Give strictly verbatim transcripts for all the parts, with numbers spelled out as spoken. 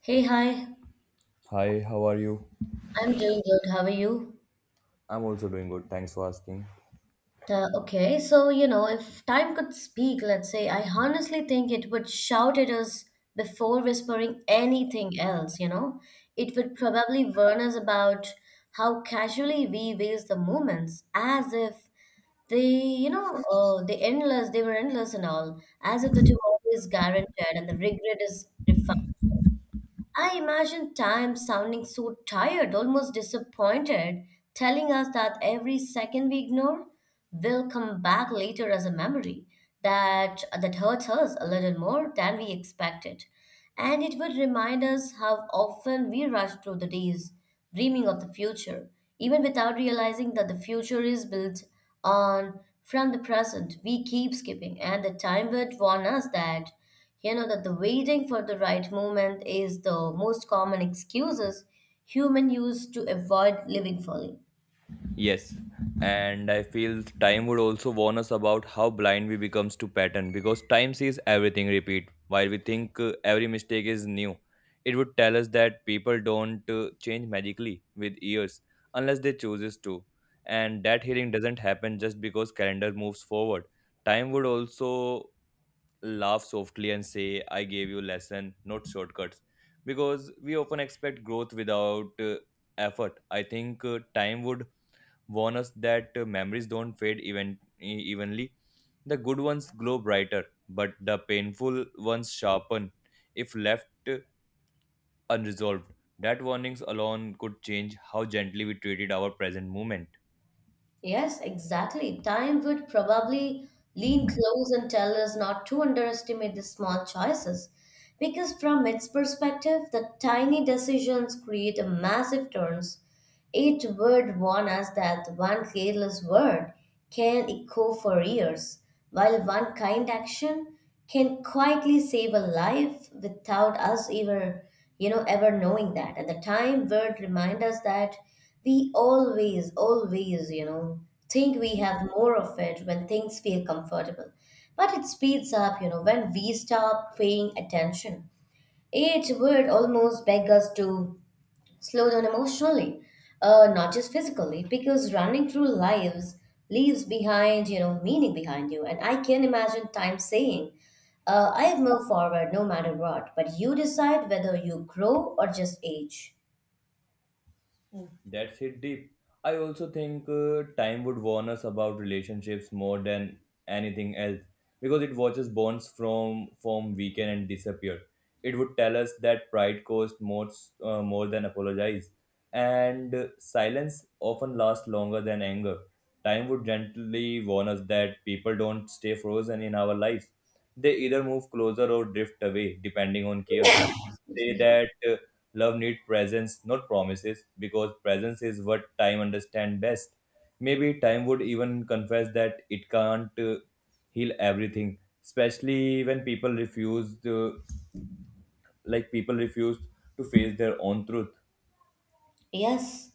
Hey, hi. Hi, how are you? I'm doing good. How are you? I'm also doing good. Thanks for asking. Uh, okay, so you know, if time could speak, let's say, I honestly think it would shout at us before whispering anything else, you know? It would probably warn us about how casually we waste the moments, as if they, you know, uh, the endless, they were endless and all, as if the tomorrow is guaranteed and the regret is refined. I imagine time sounding so tired, almost disappointed, telling us that every second we ignore will come back later as a memory that that hurts us a little more than we expected. And it would remind us how often we rush through the days, dreaming of the future, even without realizing that the future is built on from the present we keep skipping, and the time would warn us that you know that the waiting for the right moment is the most common excuses human use to avoid living fully. Yes, and I feel time would also warn us about how blind we becomes to pattern because time sees everything repeat. While we think uh, every mistake is new, it would tell us that people don't uh, change magically with years unless they chooses to, and that healing doesn't happen just because calendar moves forward. Time would also laugh softly and say, "I gave you lesson, not shortcuts," because we often expect growth without uh, effort. I think uh, time would warn us that uh, memories don't fade even, e- evenly. The good ones glow brighter, but the painful ones sharpen if left uh, unresolved. That warnings alone could change how gently we treated our present moment. Yes, exactly. Time would probably lean close and tell us not to underestimate the small choices. Because from its perspective, the tiny decisions create a massive turns. It would warn us that one careless word can echo for years, while one kind action can quietly save a life without us ever, you know, ever knowing that. And the time would remind us that we always, always, you know, think we have more of it when things feel comfortable. But it speeds up, you know, when we stop paying attention. Each word almost begs us to slow down emotionally, uh, not just physically, because running through lives leaves behind, you know, meaning behind you. And I can imagine time saying, uh, I've moved forward no matter what, but you decide whether you grow or just age. That's hit deep. I also think uh, time would warn us about relationships more than anything else because it watches bonds from form weaken and disappear. It would tell us that pride costs more uh, more than apologize, and uh, silence often lasts longer than anger. Time would gently warn us that people don't stay frozen in our lives. They either move closer or drift away, depending on care. It Excuse say me. that uh, love needs presence, not promises, because presence is what time understand best. Maybe time would even confess that it can't uh, heal everything, especially when people refuse to, like people refuse to face their own truth. Yes,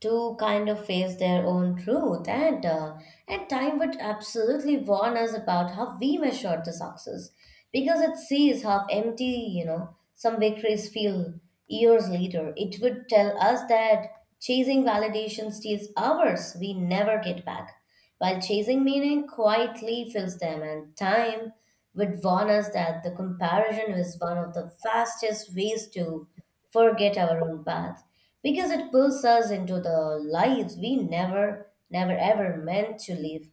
to kind of face their own truth and uh, and time would absolutely warn us about how we measure the success because it sees how empty you know some victories feel years later. It would tell us that chasing validation steals hours we never get back, while chasing meaning quietly fills them. And time would warn us that the comparison is one of the fastest ways to forget our own path, because it pulls us into the lives we never, never ever meant to live.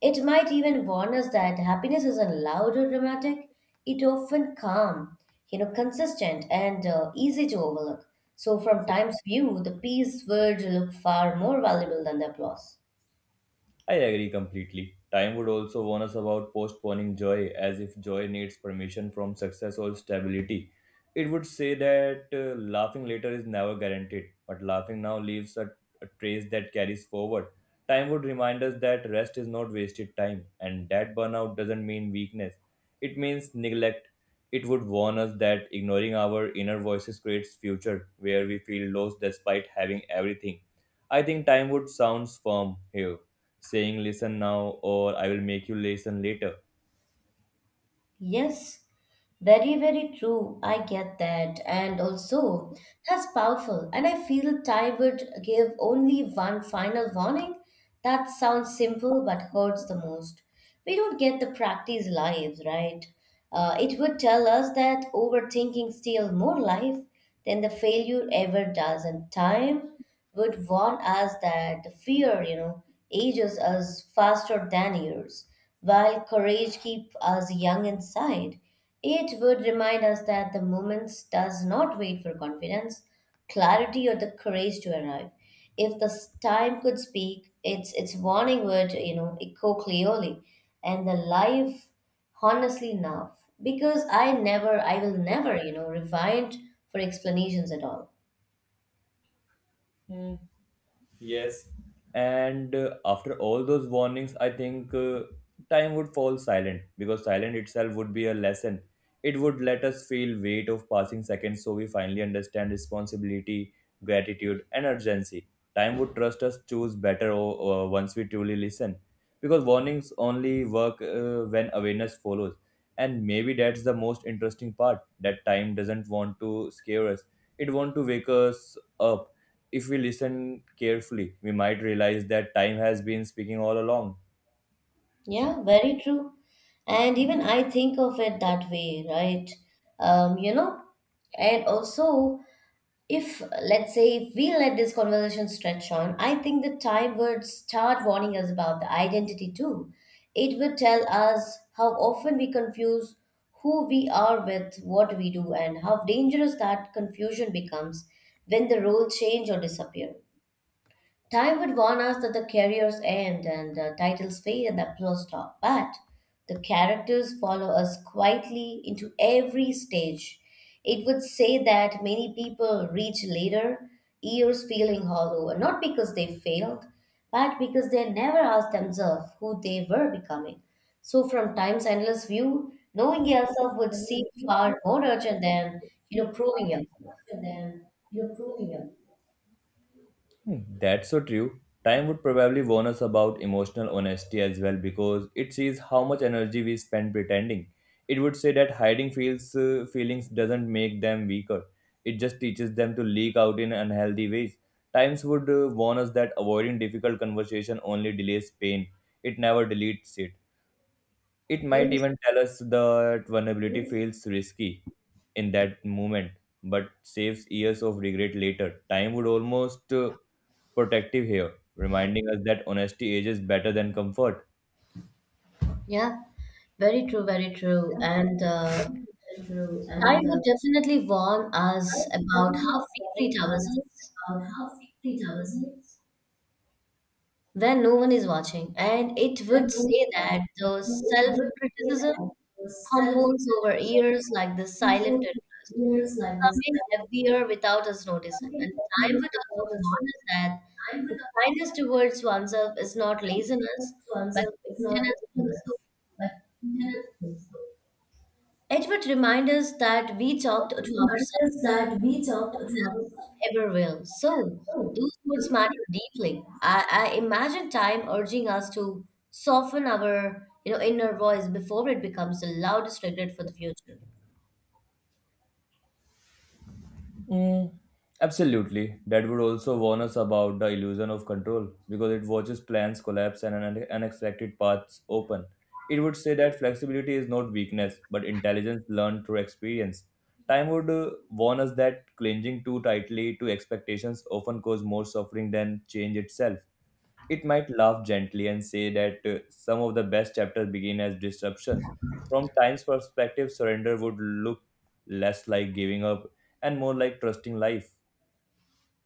It might even warn us that happiness isn't loud or dramatic, it often calm, you know, consistent and uh, easy to overlook. So, from time's view, the peace would look far more valuable than the applause. I agree completely. Time would also warn us about postponing joy, as if joy needs permission from success or stability. It would say that uh, laughing later is never guaranteed, but laughing now leaves a, a trace that carries forward. Time would remind us that rest is not wasted time, and that burnout doesn't mean weakness, it means neglect. It would warn us that ignoring our inner voices creates future where we feel lost despite having everything. I think time would sounds firm here saying listen now or I will make you listen later. Yes, very, very true. I get that. And also, that's powerful. And I feel Ty would give only one final warning. That sounds simple but hurts the most. We don't get the practice live, right? Uh, it would tell us that overthinking steals more life than the failure ever does. And time would warn us that the fear, you know, ages us faster than years, while courage keeps us young inside. It would remind us that the moment does not wait for confidence, clarity, or the courage to arrive. If the s- time could speak, its its warning would, you know, echo clearly, and the life honestly enough because i never I will never you know rewind for explanations at all. Yes. And uh, after all those warnings, I think uh, time would fall silent because silent itself would be a lesson. It would let us feel weight of passing seconds so we finally understand responsibility, gratitude and urgency. Time would trust us choose better o- uh, once we truly listen because warnings only work uh, when awareness follows. And maybe that's the most interesting part that time doesn't want to scare us. It want to wake us up if we listen carefully, we might realize that time has been speaking all along. Yeah, very true. And even I think of it that way, right? Um, you know, and also If let's say if we let this conversation stretch on, I think the time would start warning us about the identity too. It would tell us how often we confuse who we are with what we do, and how dangerous that confusion becomes when the roles change or disappear. Time would warn us that the careers end and the titles fade and the applause stop, but the characters follow us quietly into every stage. It would say that many people reach later years feeling hollow, not because they failed, but because they never asked themselves who they were becoming. So, from time's endless view, knowing yourself would seem far more urgent than you know proving yourself. Hmm. That's so true. Time would probably warn us about emotional honesty as well because it sees how much energy we spend pretending. It would say that hiding feels, uh, feelings doesn't make them weaker. It just teaches them to leak out in unhealthy ways. Times would uh, warn us that avoiding difficult conversation only delays pain. It never deletes it. It might Yes. even tell us that vulnerability feels risky in that moment, but saves years of regret later. Time would almost uh, protective here, reminding us that honesty ages better than comfort. Yeah. Very true, very true. And uh, time would definitely warn us about how we treat ourselves when no one is watching, and it would say that the self-criticism compounds over years like the silent interest, becoming heavier without us noticing. And time would also warn us that the kindness towards oneself is not laziness, but maintenance to the soul. It would remind us that we talked to ourselves before anyone else ever will. So those words matter deeply. I, I imagine time urging us to soften our you know inner voice before it becomes the loudest regret for the future. Mm, absolutely. That would also warn us about the illusion of control because it watches plans collapse and un- unexpected paths open. It would say that flexibility is not weakness but intelligence learned through experience. Time would uh, warn us that clinging too tightly to expectations often cause more suffering than change itself. It might laugh gently and say that uh, some of the best chapters begin as disruptions. From time's perspective, surrender would look less like giving up and more like trusting life.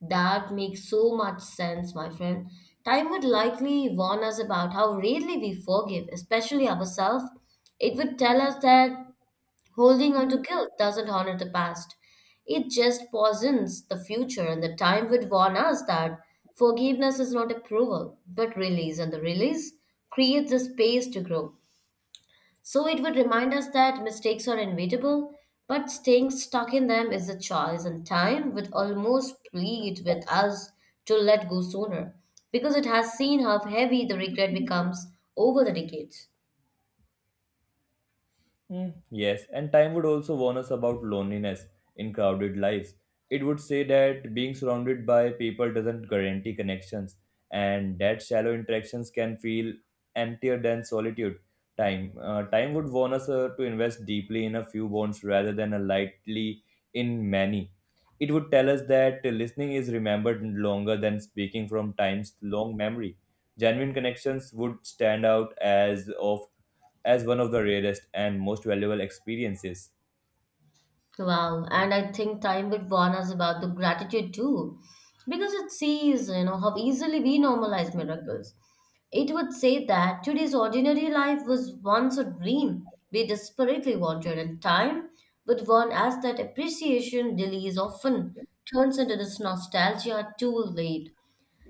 That makes so much sense, my friend. Time would likely warn us about how rarely we forgive, especially ourselves. It would tell us that holding on to guilt doesn't honor the past. It just poisons the future, and the time would warn us that forgiveness is not approval, but release, and the release creates the space to grow. So it would remind us that mistakes are inevitable, but staying stuck in them is a choice, and time would almost plead with us to let go sooner because it has seen how heavy the regret becomes over the decades. Mm, yes, and time would also warn us about loneliness in crowded lives. It would say that being surrounded by people doesn't guarantee connections, and that shallow interactions can feel emptier than solitude. Time, uh, time would warn us uh, to invest deeply in a few bonds rather than a lightly in many. It would tell us that listening is remembered longer than speaking from time's long memory. Genuine connections would stand out as of as one of the rarest and most valuable experiences. Wow, and I think time would warn us about the gratitude too, because it sees, you know, how easily we normalize miracles. It would say that today's ordinary life was once a dream we desperately wanted, and time would warn us that appreciation delays often turns into this nostalgia too late.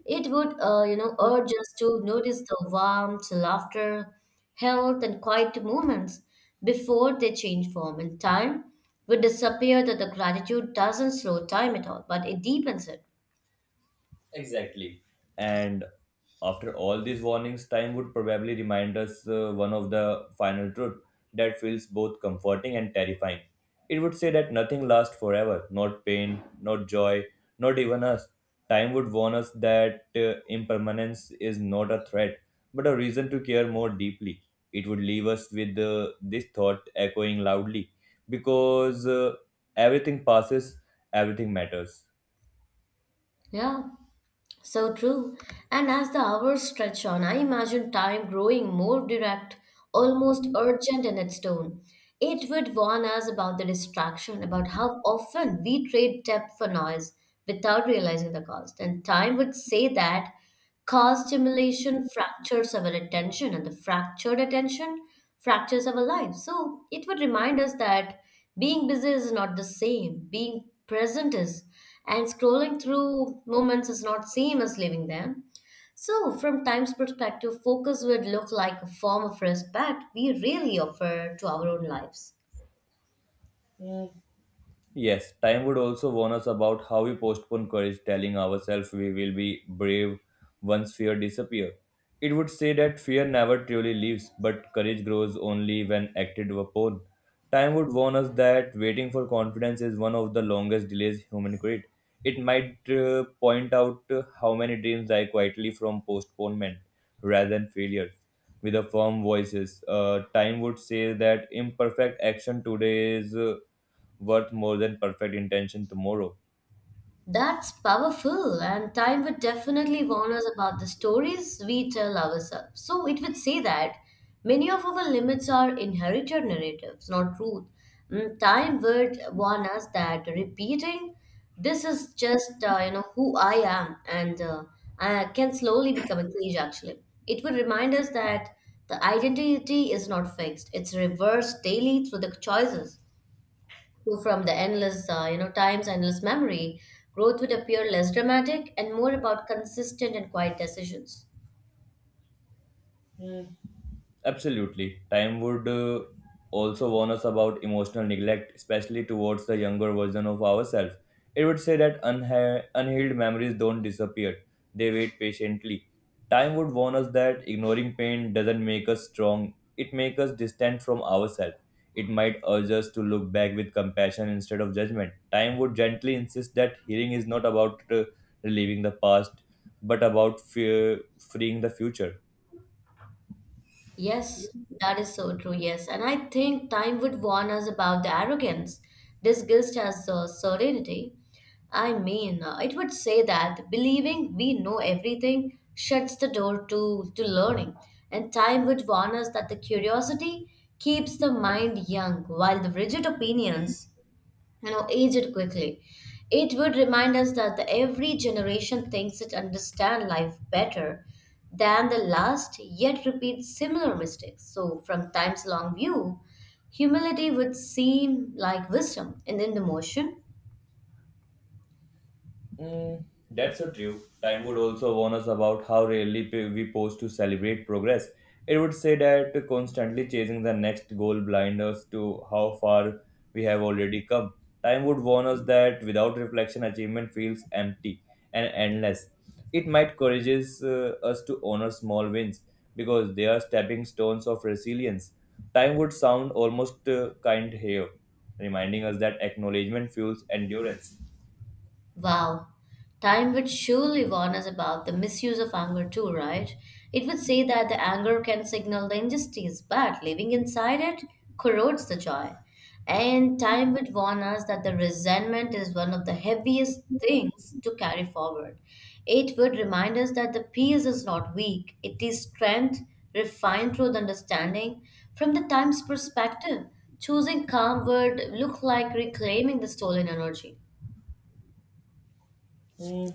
It would, uh, you know, urge us to notice the warmth, laughter, health, and quiet moments before they change form. And time would disappear that the gratitude doesn't slow time at all, but it deepens it. Exactly. And after all these warnings, time would probably remind us uh, one of the final truth that feels both comforting and terrifying. It would say that nothing lasts forever, not pain, not joy, not even us. Time would warn us that uh, impermanence is not a threat, but a reason to care more deeply. It would leave us with uh, this thought echoing loudly because uh, everything passes, everything matters. Yeah. So true. And as the hours stretch on, I imagine time growing more direct, almost urgent in its tone. It would warn us about the distraction, about how often we trade depth for noise without realizing the cost. And time would say that cause stimulation fractures our attention, and the fractured attention fractures our lives. So it would remind us that being busy is not the same, being present is, and scrolling through moments is not same as living them. So, from time's perspective, focus would look like a form of respect we really offer to our own lives. Yes, time would also warn us about how we postpone courage, telling ourselves we will be brave once fear disappears. It would say that fear never truly leaves, but courage grows only when acted upon. Time would warn us that waiting for confidence is one of the longest delays human create. It might uh, point out uh, how many dreams die quietly from postponement rather than failure. With a firm voices, uh, time would say that imperfect action today is. Uh, worth more than perfect intention tomorrow. That's powerful, and time would definitely warn us about the stories we tell ourselves. So it would say that many of our limits are inherited narratives, not truth. Mm, time would warn us that repeating this is just uh, you know who I am, and uh, I can slowly become a cage. Actually, it would remind us that the identity is not fixed; it's reversed daily through the choices. So from the endless, uh, you know, time's endless memory, growth would appear less dramatic and more about consistent and quiet decisions. Absolutely. Time would uh, also warn us about emotional neglect, especially towards the younger version of ourselves. It would say that unha- unhealed memories don't disappear, they wait patiently. Time would warn us that ignoring pain doesn't make us strong, it makes us distant from ourselves. It might urge us to look back with compassion instead of judgment. Time would gently insist that healing is not about uh, relieving the past, but about fear, freeing the future. Yes, that is so true. Yes, and I think time would warn us about the arrogance disguised as uh, serenity. I mean, uh, it would say that believing we know everything shuts the door to to learning, and time would warn us that the curiosity keeps the mind young, while the rigid opinions you know aged quickly. It would remind us that the every generation thinks it understands life better than the last, yet repeats similar mistakes. So from time's long view, humility would seem like wisdom in in the motion. Mm, that's so true. Time would also warn us about how rarely p- we pause to celebrate progress. It would say that constantly chasing the next goal blinds us to how far we have already come. Time would warn us that without reflection, achievement feels empty and endless. It might encourages uh, us to honor small wins because they are stepping stones of resilience. Time would sound almost uh, kind here, reminding us that acknowledgement fuels endurance. Wow, time would surely warn us about the misuse of anger too, right? It would say that the anger can signal the injustice, but living inside it corrodes the joy. And time would warn us that the resentment is one of the heaviest things to carry forward. It would remind us that the peace is not weak, it is strength refined through the understanding. From the time's perspective, choosing calm would look like reclaiming the stolen energy. Mm,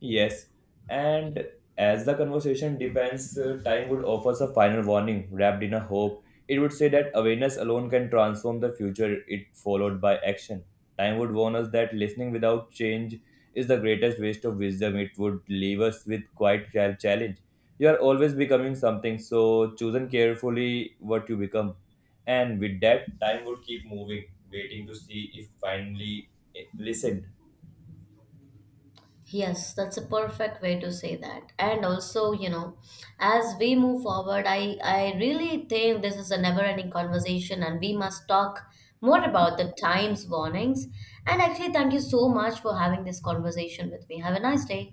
yes, and as the conversation depends, uh, time would offer a final warning wrapped in a hope. It would say that awareness alone can transform the future, it followed by action. Time would warn us that listening without change is the greatest waste of wisdom. It would leave us with quite a challenge. You are always becoming something, so chosen carefully what you become. And with that, time would keep moving, waiting to see if finally eh, listened. Yes, that's a perfect way to say that. And also, you know, as we move forward, I I really think this is a never-ending conversation, and we must talk more about the times warnings. And actually, thank you so much for having this conversation with me. Have a nice day.